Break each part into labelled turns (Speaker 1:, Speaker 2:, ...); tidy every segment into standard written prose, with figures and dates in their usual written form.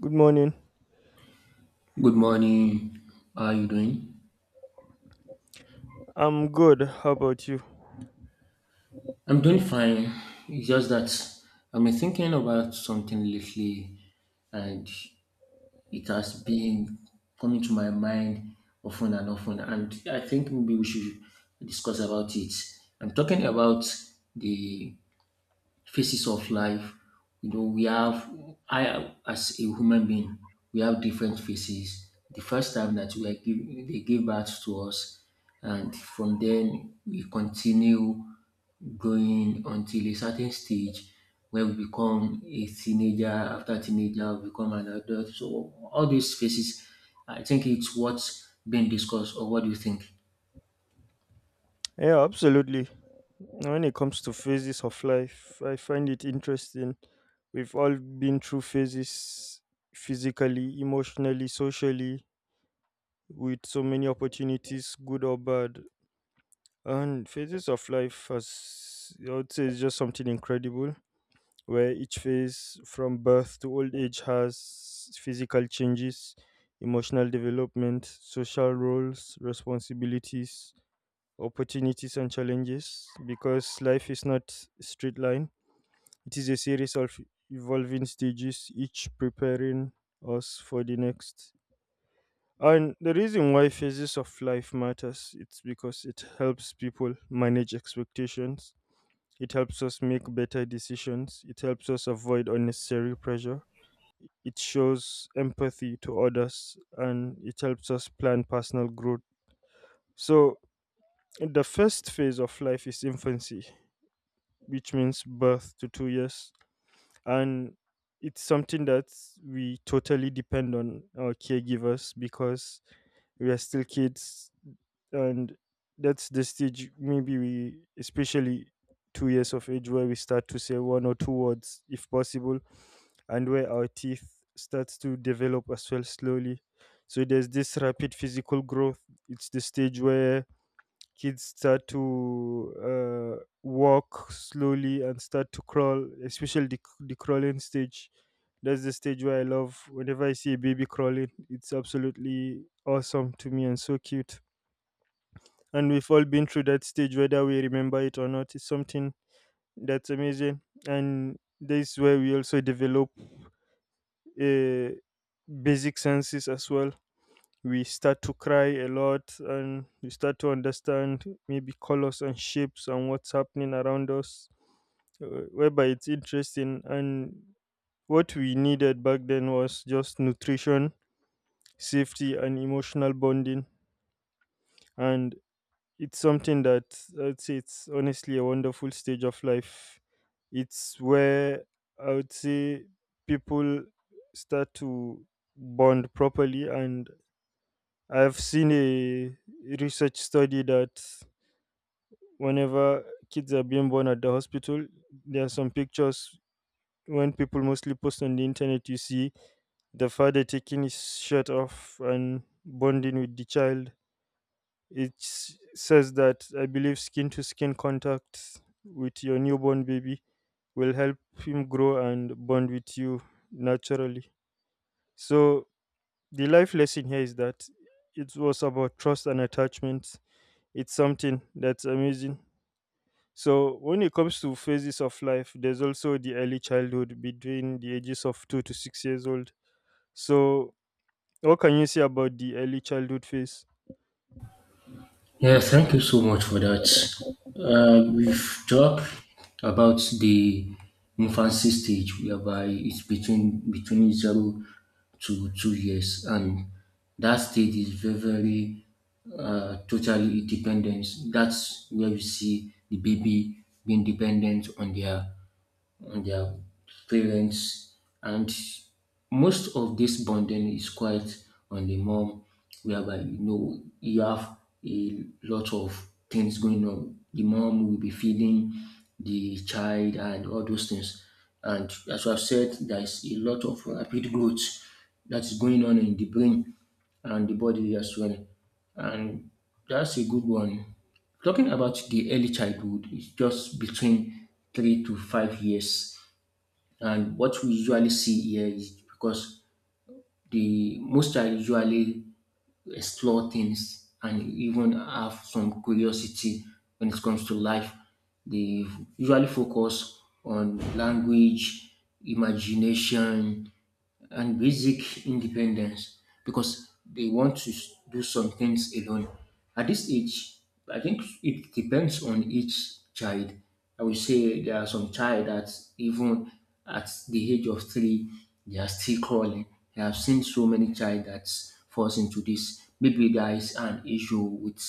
Speaker 1: Good morning.
Speaker 2: Good morning. How are you doing?
Speaker 1: I'm good. How about you?
Speaker 2: I'm doing fine. It's just that I've been thinking about something lately, and it has been coming to my mind often and often, and I think maybe we should discuss about it. I'm talking about the phases of life. You know, we have, I as a human being, we have different phases. The first time that they give birth to us, and from then we continue going until a certain stage where we become a teenager. After teenager, we become an adult. So all these phases, I think it's what's being discussed. Or what do you think?
Speaker 1: Yeah, absolutely. When it comes to phases of life, I find it interesting. We've all been through phases physically, emotionally, socially, with so many opportunities, good or bad. And phases of life, as I would say, is just something incredible, where each phase from birth to old age has physical changes, emotional development, social roles, responsibilities, opportunities and challenges because life is not a straight line. It is a series of evolving stages, each preparing us for the next. And the reason why phases of life matters, it's because it helps people manage expectations. It helps us make better decisions. It helps us avoid unnecessary pressure. It shows empathy to others and it helps us plan personal growth. So, the first phase of life is infancy, which means birth to 2 years. And it's something that we totally depend on our caregivers because we are still kids, and that's the stage maybe we, especially 2 years of age, where we start to say one or two words if possible, and where our teeth starts to develop as well slowly. So there's this rapid physical growth. It's the stage where kids start to walk slowly and start to crawl, especially the crawling stage. That's the stage where I love. Whenever I see a baby crawling, it's absolutely awesome to me and so cute. And we've all been through that stage, whether we remember it or not. It's something that's amazing. And this is where we also develop a basic senses as well. We start to cry a lot and we start to understand maybe colors and shapes and what's happening around us, whereby it's interesting. And what we needed back then was just nutrition, safety and emotional bonding. And it's something that I'd say it's honestly a wonderful stage of life. It's where, I would say, people start to bond properly. And I've seen a research study that whenever kids are being born at the hospital, there are some pictures when people mostly post on the internet. You see the father taking his shirt off and bonding with the child. It says that I believe skin to skin contact with your newborn baby will help him grow and bond with you naturally. So, the life lesson here is that it was about trust and attachment. It's something that's amazing. So, when it comes to phases of life, there's also the early childhood between the ages of 2 to 6 years old. So, what can you say about the early childhood phase?
Speaker 2: Yeah, thank you so much for that. We've talked about the infancy stage, whereby it's between 0 to 2 years, and that stage is very, very totally dependent. That's where we see the baby being dependent on their parents. And most of this bonding is quite on the mom, whereby you have a lot of things going on. The mom will be feeding the child and all those things. And as I've said, there is a lot of rapid growth that is going on in the brain and the body as well. And that's a good one. Talking about the early childhood, it's just between 3 to 5 years, and what we usually see here is because the most child usually explore things and even have some curiosity when it comes to life. They usually focus on language, imagination, and basic independence because they want to do some things alone. At this age, I think it depends on each child. I would say there are some child that even at the age of three, they are still crawling. I have seen so many child that falls into this. Maybe there is an issue with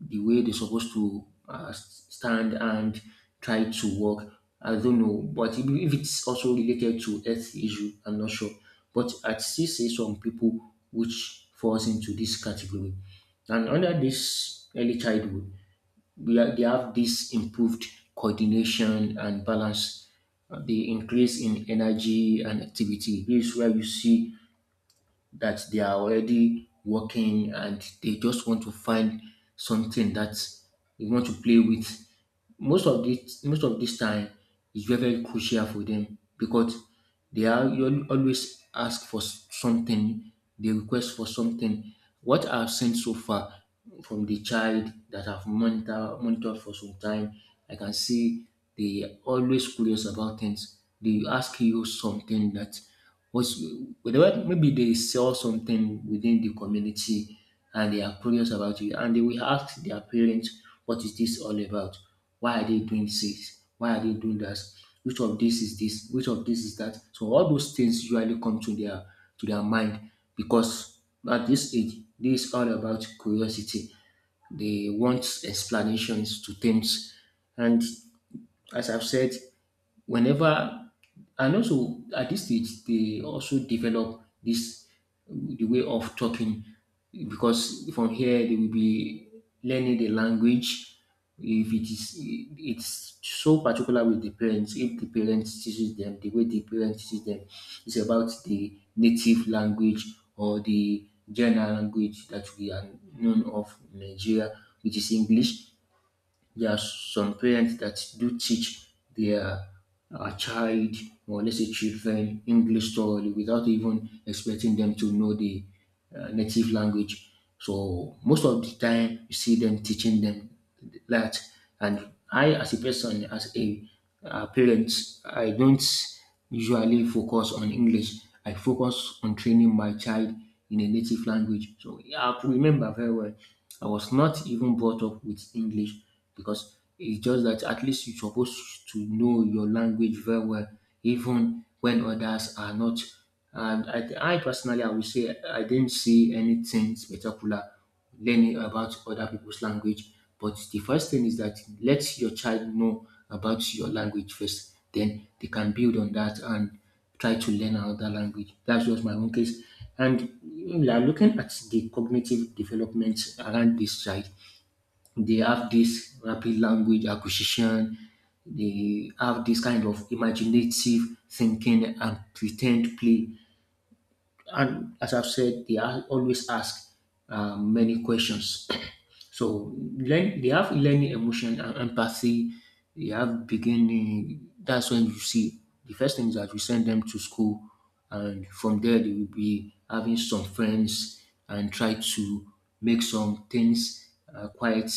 Speaker 2: the way they're supposed to stand and try to walk. I don't know, but if it's also related to health issue, I'm not sure. But I still see some people which falls into this category. And under this early childhood, they have this improved coordination and balance, the increase in energy and activity. This is where you see that they are already working and they just want to find something that they want to play with. Most of this time is very, very crucial for them because they are you al- always ask for something, they request for something. What I've seen so far from the child that I've monitored for some time, I can see they are always curious about things. They ask you something that was whether maybe they saw something within the community, and they are curious about it, and they will ask their parents, "What is this all about? Why are they doing this? Why are they doing that? Which of this is this? Which of this is that?" So all those things usually come to their mind because at this age, this is all about curiosity. They want explanations to things, and as I've said, whenever and also at this stage they also develop this the way of talking because from here they will be learning the language if it's so particular with the parents. If the parents teaches them, the way the parents teaches them is about the native language or the general language that we are known of in Nigeria, which is English. There are some parents that do teach their child, or let's say children, English thoroughly without even expecting them to know the native language. So most of the time you see them teaching them that. And I as a person, as a parent, I don't usually focus on English. I focus on training my child in a native language. So yeah, I could remember very well. I was not even brought up with English, because it's just that at least you're supposed to know your language very well, even when others are not. And I personally, I would say I didn't see anything spectacular learning about other people's language. But the first thing is that let your child know about your language first. Then they can build on that and try to learn another language. That's just my own case. And we are looking at the cognitive development around this child. They have this rapid language acquisition. They have this kind of imaginative thinking and pretend play, and as I've said, they are always ask many questions. So they have learning, emotion, and empathy. They have beginning. That's when you see the first thing is that you send them to school, and from there they will be having some friends and try to make some things quite,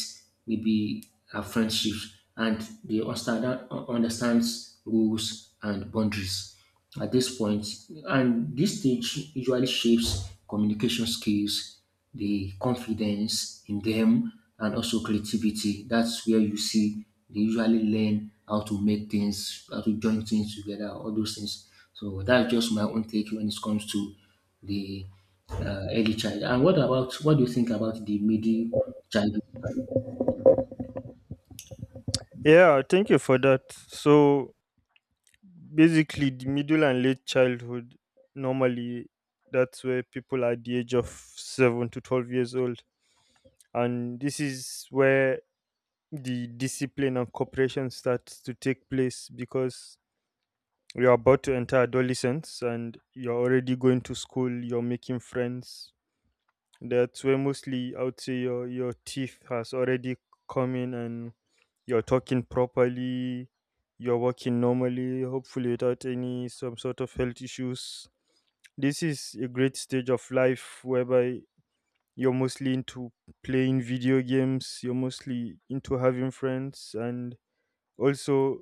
Speaker 2: maybe a friendship, and they understands rules and boundaries at this point, and this stage usually shapes communication skills, the confidence in them, and also creativity. That's where you see they usually learn how to make things, how to join things together, all those things. So that's just my own take when it comes to the early child. And what do you think about the middle child?
Speaker 1: Yeah, thank you for that. So, basically, the middle and late childhood, normally, that's where people are at the age of seven to 12 years old. And this is where the discipline and cooperation starts to take place because you are about to enter adolescence and you're already going to school, you're making friends. That's where, mostly, I would say your teeth has already come in, and you're talking properly, you're working normally, hopefully without any some sort of health issues. This is a great stage of life whereby you're mostly into playing video games, you're mostly into having friends, and also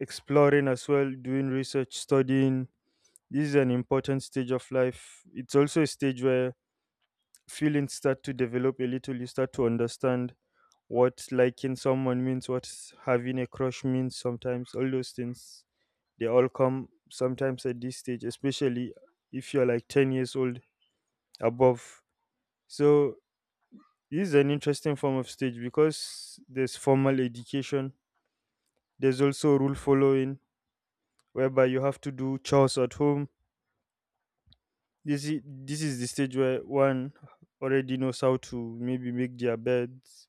Speaker 1: exploring as well, doing research, studying. This is an important stage of life. It's also a stage where feelings start to develop a little. You start to understand what liking someone means, what having a crush means sometimes, all those things. They all come sometimes at this stage, especially if you're like 10 years old above. So, this is an interesting form of stage because there's formal education, there's also rule following, whereby you have to do chores at home. This is the stage where one already knows how to maybe make their beds,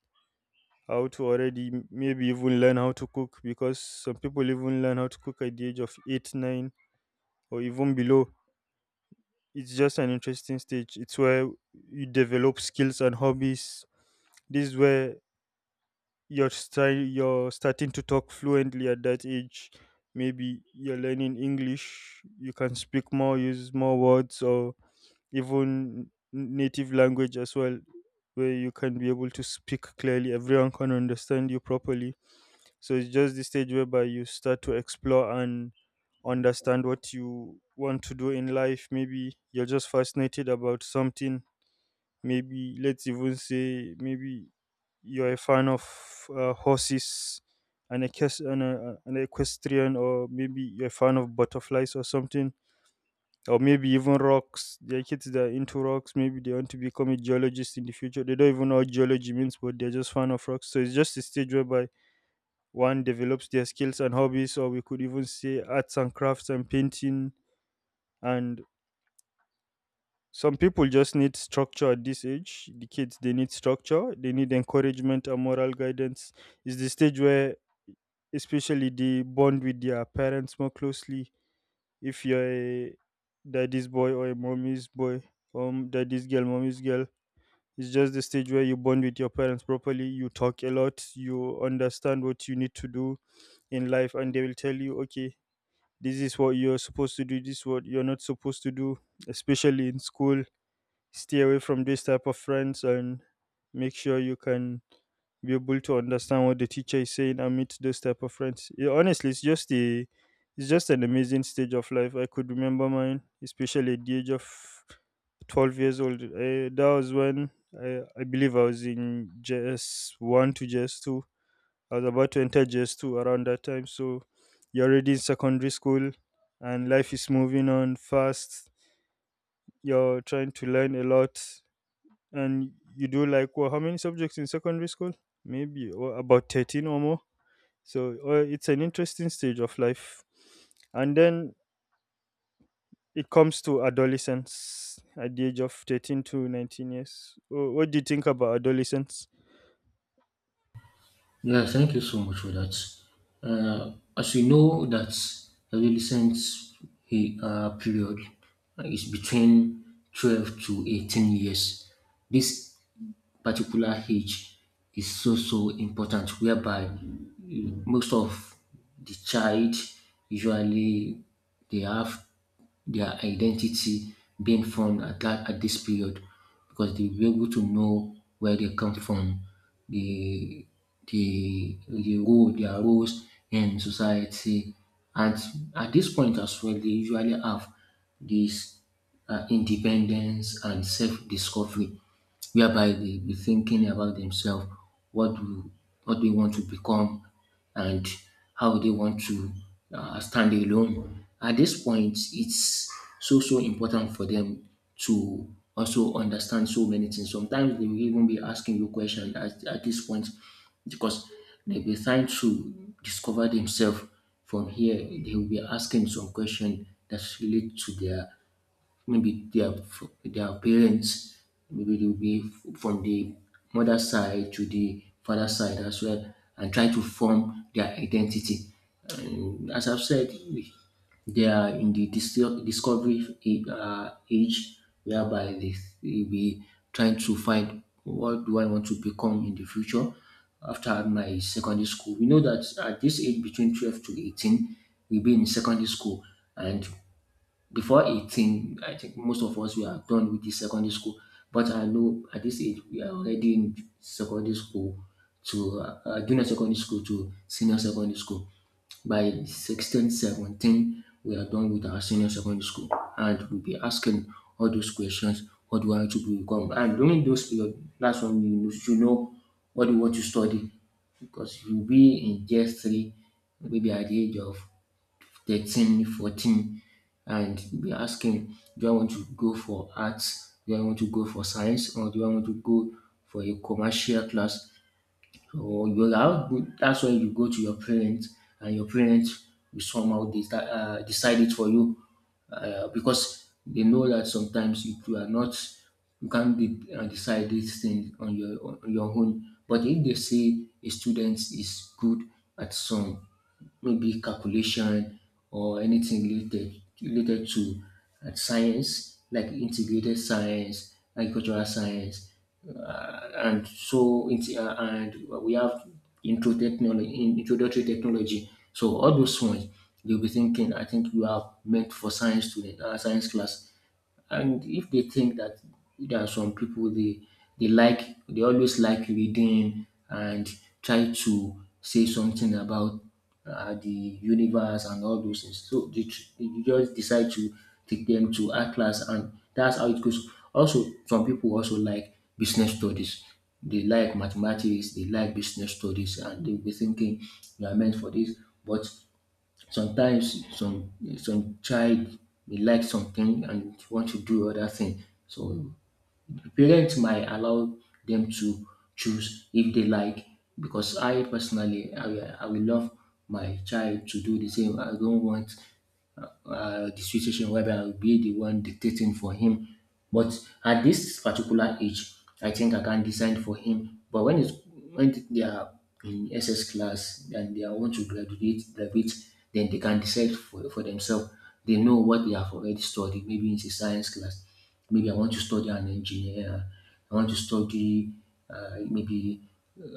Speaker 1: how to already maybe even learn how to cook, because some people even learn how to cook at the age of 8, 9 or even below. It's just an interesting stage. It's where you develop skills and hobbies. This is where you're starting to talk fluently at that age. Maybe you're learning English, you can speak more, use more words, or even native language as well, where you can be able to speak clearly, everyone can understand you properly. So it's just the stage whereby you start to explore and understand what you want to do in life. Maybe you're just fascinated about something. Maybe let's even say maybe you're a fan of horses, an equestrian, or maybe you're a fan of butterflies or something, or maybe even rocks. There are kids that are into rocks. Maybe they want to become a geologist in the future. They don't even know what geology means, but they're just fan of rocks. So it's just a stage whereby one develops their skills and hobbies, or we could even say arts and crafts and painting. And some people just need structure at this age. The kids, they need structure, they need encouragement and moral guidance. It's the stage where, especially, they bond with their parents more closely. If you're a daddy's boy or a mommy's boy, daddy's girl, mommy's girl, it's just the stage where you bond with your parents properly. You talk a lot, you understand what you need to do in life, and they will tell you, okay, this is what you're supposed to do, this is what you're not supposed to do, especially in school. Stay away from this type of friends and make sure you can be able to understand what the teacher is saying and meet those type of friends. Yeah, honestly, it's just an amazing stage of life. I could remember mine, especially at the age of 12 years old. That was when I believe I was in JS one to JS two. I was about to enter JS two around that time. So you're already in secondary school, and life is moving on fast. You're trying to learn a lot, and you do like, well, how many subjects in secondary school? Maybe or about 13 or more. So it's an interesting stage of life, and then it comes to adolescence at the age of 13 to 19 years. What do you think about adolescence?
Speaker 2: Yeah, thank you so much for that. As we know that the adolescent period is between 12 to 18 years. This particular age is so, so important, whereby most of the child usually they have their identity being formed at this period, because they'll be able to know where they come from, the their roles in society. And at this point as well, they usually have this independence and self-discovery, whereby they be thinking about themselves, what do what do they want to become, and how they want to stand alone. At this point, it's so so important for them to also understand so many things. Sometimes they will even be asking you questions at this point, because they'll be trying to discover themselves. From here, they will be asking some question that relate to their, maybe their parents, maybe they will from the mother side to the father side as well, and try to form their identity. And as I've said, they are in the discovery age, whereby they will be trying to find what do I want to become in the future after my secondary school. We know that at this age between 12 to 18, we'll be in secondary school, and before 18, I think most of us were done with the secondary school. But I know at this age, we are already in secondary school, to junior secondary school to senior secondary school. By 16, 17, we are done with our senior secondary school. And we'll be asking all those questions, what do I want to become? And during those period, that's when should know what you want to study, because you'll be in just three, maybe at the age of 13, 14, and be asking, do I want to go for arts? Do I want to go for science? Or do I want to go for a commercial class? So you're out, that's when you go to your parents, and your parents will somehow decide it for you, because they know that sometimes if you are not, you can't decide these things on your own. But if they say a student is good at some, maybe calculation or anything related to science, like integrated science, agricultural science, and we have intro technology, introductory technology. So all those ones you'll be thinking, I think you are meant for science class. And if they think that there are some people they always like reading and try to say something about the universe and all those things, so you just decide to take them to art class, and that's how it goes. Also, some people also like business studies, they like mathematics, they like business studies, and they'll be thinking you are meant for this. But sometimes some child may like something and want to do other thing. So parents might allow them to choose if they like, because I personally I will love my child to do the same. I don't want the situation whereby I will be the one dictating for him. But at this particular age, I think I can design for him. But when they are in SS class and they are want to graduate, then they can decide for themselves. They know what they have already studied, maybe it's a science class. Maybe I want to study an engineer. I want to study maybe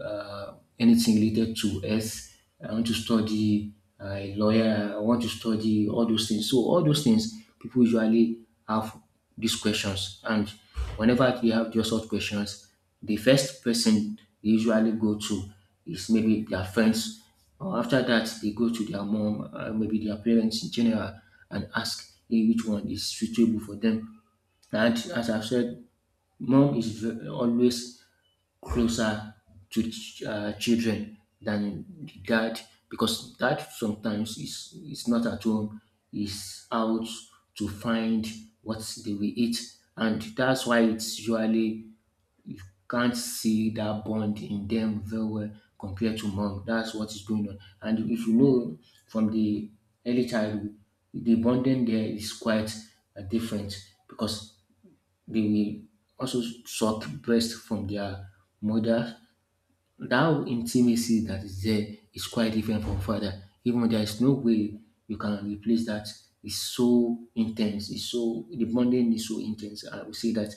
Speaker 2: anything related to earth. I want to study a lawyer. I want to study all those things. So all those things, people usually have these questions, and whenever they have those sort of questions, the first person they usually go to is maybe their friends. Or after that, they go to their mom, maybe their parents in general, and ask which one is suitable for them, and as I've said, mom is always closer to children than the dad, because dad sometimes is not at home, is out to find what they will eat, and that's why it's usually you can't see that bond in them very well compared to mom. That's what is going on, and if you know from the early childhood, the bonding there is quite different because they will also suck breast from their mother. That intimacy that is there is quite different from father. Even there is no way you can replace that. It's so intense. It's so the bonding is so intense. I would say that.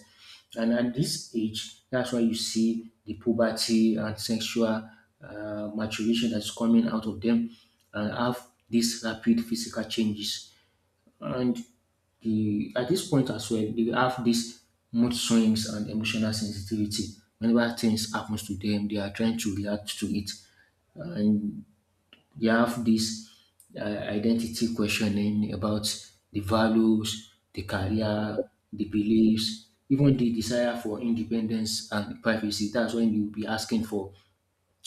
Speaker 2: And at this age, that's why you see the puberty and sexual maturation that's coming out of them and have these rapid physical changes. And the at this point as well, they have this mood swings and emotional sensitivity. Whenever things happens to them, they are trying to react to it, and they have this identity questioning about the values, the career, the beliefs, even the desire for independence and privacy. That's when you'll be asking for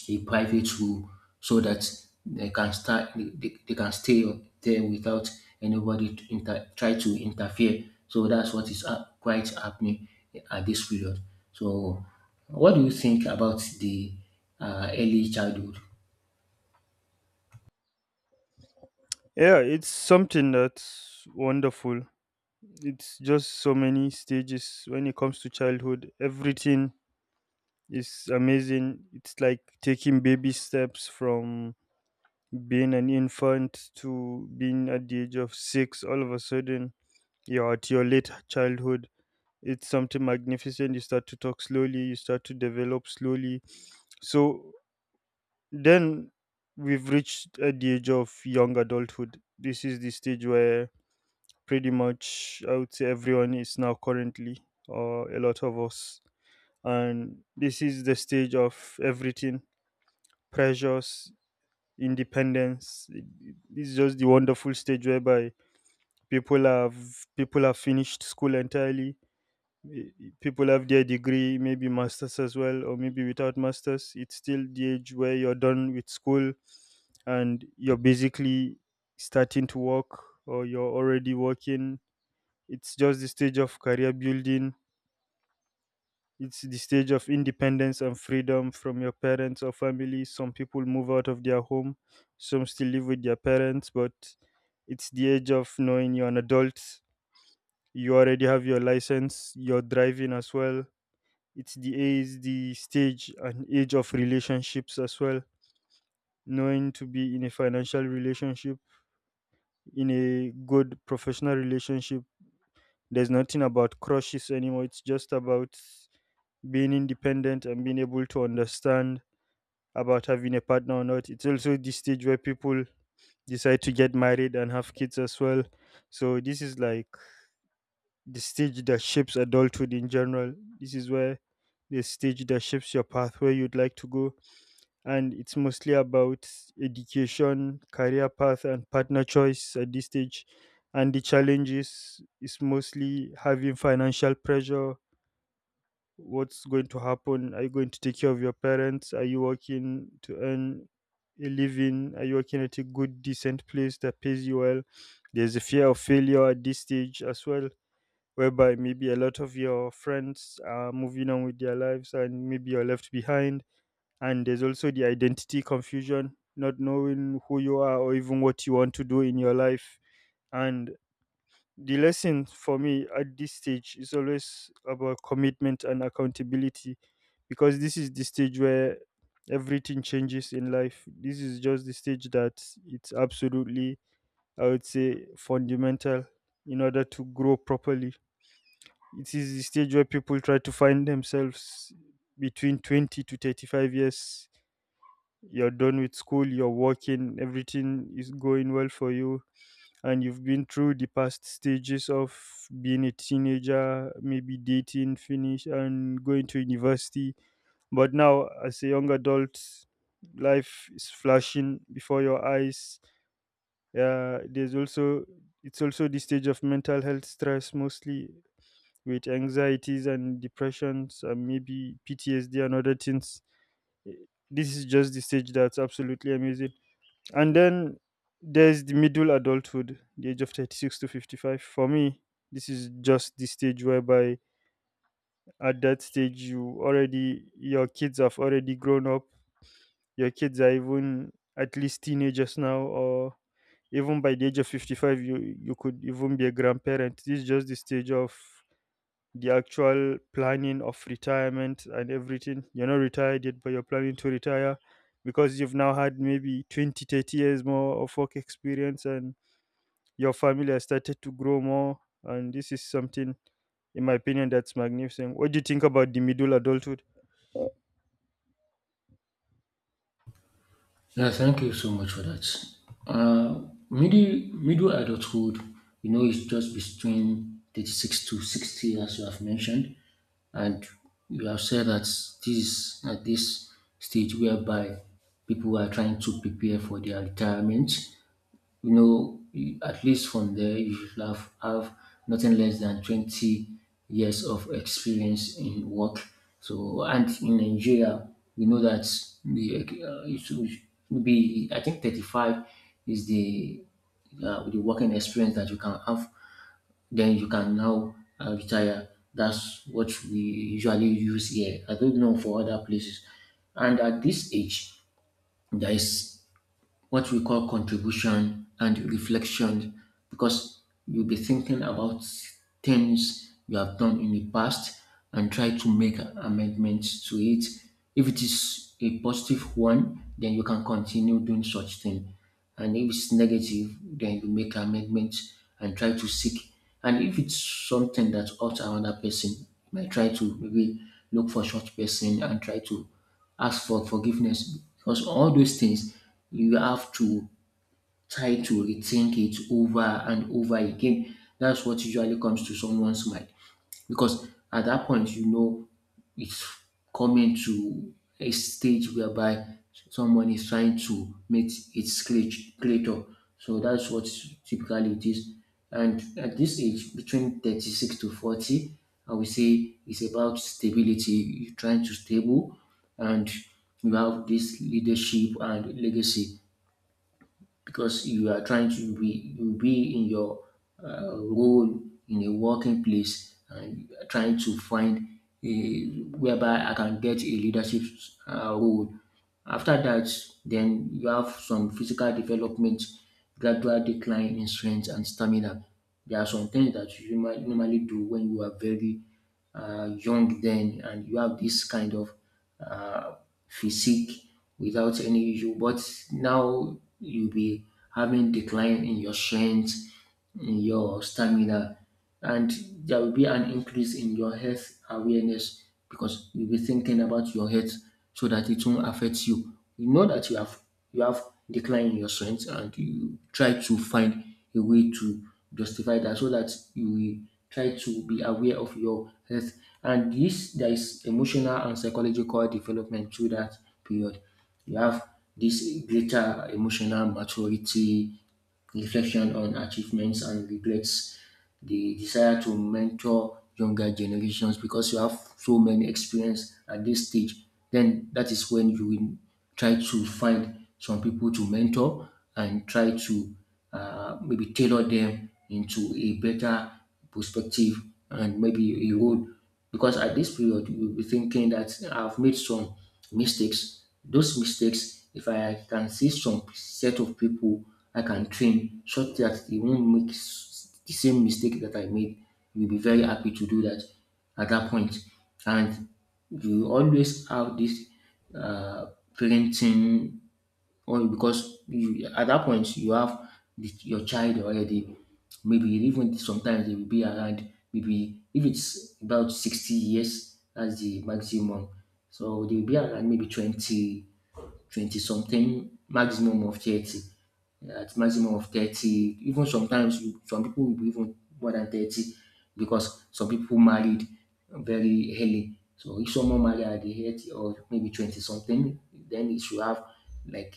Speaker 2: a private room so that they can stay there without anybody to try to interfere. So that's what is quite happening at this period. So what do you think about the early childhood?
Speaker 1: Yeah, it's something that's wonderful. It's just so many stages when it comes to childhood. Everything is amazing. It's like taking baby steps from being an infant to being at the age of six. All of a sudden you're at your late childhood. It's something magnificent. You start to talk slowly, you start to develop slowly. So then we've reached at the age of young adulthood. This is the stage where, pretty much I would say, everyone is now currently, or a lot of us. And this is the stage of everything: pressures, independence. This is just the wonderful stage whereby people have people have finished school entirely. Eh, People have their degree, maybe masters as well, or maybe without masters. It's still the age where you're done with school, and you're basically starting to work, or you're already working. It's just the stage of career building. It's the stage of independence and freedom from your parents or family. Some people move out of their home, some still live with their parents, but it's the age of knowing you're an adult. You already have your license, you're driving as well. It's the age, the stage, and age of relationships as well. Knowing to be in a financial relationship, in a good professional relationship, there's nothing about crushes anymore. It's just about being independent and being able to understand about having a partner or not. It's also the stage where people decide to get married and have kids as well. So this is like the stage that shapes adulthood in general. This is where the stage that shapes your path where you'd like to go. And it's mostly about education, career path, and partner choice at this stage. And the challenges is mostly having financial pressure, what's going to happen, are you going to take care of your parents, are you working to earn a living, are you working at a good decent place that pays you well. There's a fear of failure at this stage as well, whereby maybe a lot of your friends are moving on with their lives and maybe you're left behind. And there's also the identity confusion, not knowing who you are or even what you want to do in your life. And the lesson for me at this stage is always about commitment and accountability, because this is the stage where everything changes in life. This is just the stage that, it's absolutely, I would say, fundamental in order to grow properly. It is the stage where people try to find themselves between 20 to 35 years. You're done with school, you're working, everything is going well for you, and you've been through the past stages of being a teenager, maybe dating, finish, and going to university. But now, as a young adult, life is flashing before your eyes. There's also It's also the stage of mental health stress, mostly with anxieties and depressions, and maybe PTSD and other things. Eh, This is just the stage that's absolutely amazing. And then there's the middle adulthood, the age of 36 to 55. For me, this is just the stage whereby at that stage you already, your kids have already grown up. Your kids are even at least teenagers now, or even by the age of 55 you could even be a grandparent. This is just the stage of the actual planning of retirement and everything. You're not retired yet, but you're planning to retire because you've now had maybe 20, 30 years more of work experience, and your family has started to grow more. And this is something, in my opinion, that's magnificent. What do you think about the middle adulthood?
Speaker 2: Yeah, thank you so much for that. Uh, middle adulthood, you know, is just between 36 to 60, as you have mentioned, and you have said that this at this stage whereby people are trying to prepare for their retirement, you know, at least from there, you should have nothing less than 20 years of experience in work. So, and in Nigeria, we know that it should be, I think 35 is the working experience that you can have. Then you can now retire. That's what we usually use here. I don't know for other places. And at this age, there is what we call contribution and reflection because you'll be thinking about things you have done in the past and try to make amendments to it. If it is a positive one, then you can continue doing such thing. And if it's negative, then you make amendments and try to seek. And if it's something that hurts another person, you might try to maybe look for such person and try to ask for forgiveness, because all those things you have to try to rethink it over and over again. That's what usually comes to someone's mind, because at that point you know it's coming to a stage whereby someone is trying to meet its creator. So that's what typically it is. And at this age, between 36 to 40, I would say it's about stability. You're trying to stable and you have this leadership and legacy, because you are trying to be in your role in a working place and trying to find a whereby I can get a leadership role. After that, then you have some physical development, gradual decline in strength and stamina. There are some things that you normally do when you are very young then, and you have this kind of uh, physique without any issue. But now you'll be having decline in your strength, in your stamina, and there will be an increase in your health awareness, because you'll be thinking about your health so that it won't affect you. You know that you have decline in your strength, and you try to find a way to justify that so that you will try to be aware of your health. And this there is emotional and psychological development through that period. You have this greater emotional maturity, reflection on achievements and regrets, the desire to mentor younger generations because you have so many experience at this stage, then that is when you will try to find some people to mentor and try to maybe tailor them into a better perspective and maybe a road. Because at this period, you'll be thinking that I've made some mistakes. Those mistakes, if I can see some set of people I can train so that they won't make the same mistake that I made, you'll be very happy to do that at that point. And you always have this uh, parenting or because you at that point you have your child already. Maybe even sometimes they will be around maybe if it's about 60 years, that's the maximum. So they will be around maybe 20, 20 something, maximum of 30. At maximum of 30, even sometimes some people will be even more than 30, because some people married very early. So if someone married at the age of maybe 20 something, then it should have like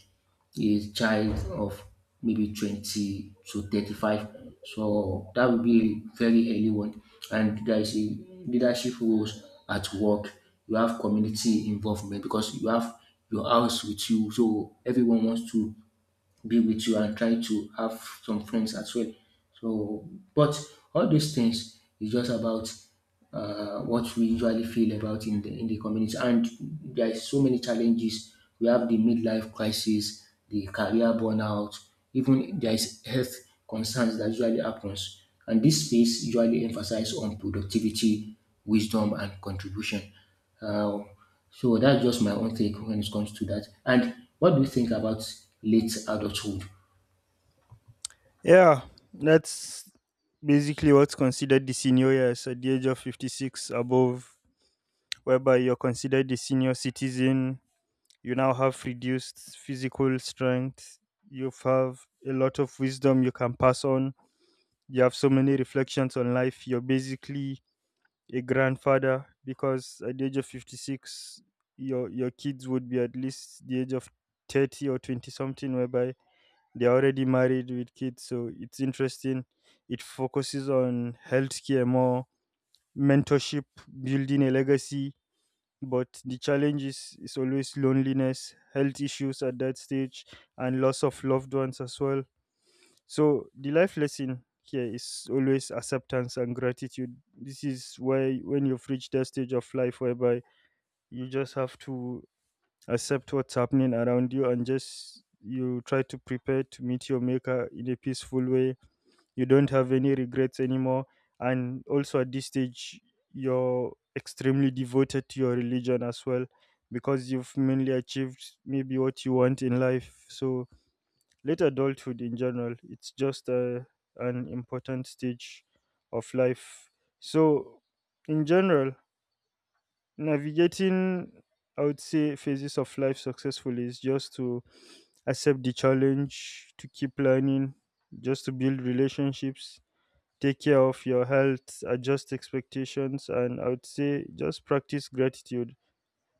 Speaker 2: a child of maybe 20 to 35. So that will be a very early one. And there is a leadership roles at work. You have community involvement because you have your house with you. So everyone wants to be with you and try to have some friends as well. So, but all these things is just about what we usually feel about in the community. And there is so many challenges. We have the midlife crisis, the career burnout, even there is health concerns that usually happens. And this space usually emphasizes on productivity, wisdom, and contribution. Uh, so that's just my own take when it comes to that. And what do you think about late adulthood?
Speaker 1: Yeah, that's basically what's considered the senior years at the age of 56 above, whereby you're considered the senior citizen. You now have reduced physical strength. You have a lot of wisdom you can pass on. You have so many reflections on life. You're basically a grandfather because at the age of 56 your kids would be at least the age of 30 or 20 something, whereby they're already married with kids. So it's interesting. It focuses on healthcare more, mentorship, building a legacy. But the challenge is always loneliness, health issues at that stage, and loss of loved ones as well. So the life lesson here is always acceptance and gratitude. This is why when you've reached that stage of life whereby you just have to accept what's happening around you, and just you try to prepare to meet your maker in a peaceful way. You don't have any regrets anymore. And also at this stage you're extremely devoted to your religion as well, because you've mainly achieved maybe what you want in life. So late adulthood, in general, it's just a an important stage of life. So, in general, navigating, I would say, phases of life successfully is just to accept the challenge, to keep learning, just to build relationships, take care of your health, adjust expectations, and I would say just practice gratitude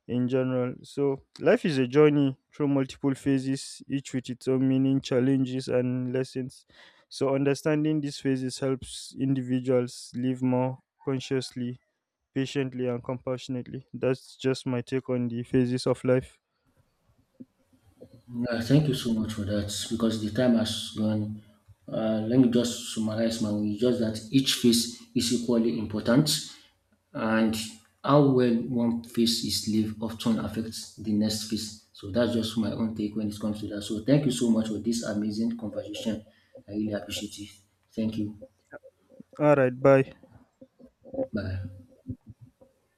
Speaker 1: in general. So, life is a journey through multiple phases, each with its own meaning, challenges, and lessons. So, understanding these phases helps individuals live more consciously, patiently, and compassionately. That's just my take on the phases of life.
Speaker 2: Yeah, thank you so much for that, because the time has gone. Let me just summarize my way. Just that each phase is equally important, and how well one phase is lived often affects the next phase. So that's just my own take when it comes to that. So thank you so much for this amazing conversation. I really appreciate it. Thank you.
Speaker 1: All right, bye.
Speaker 2: Bye.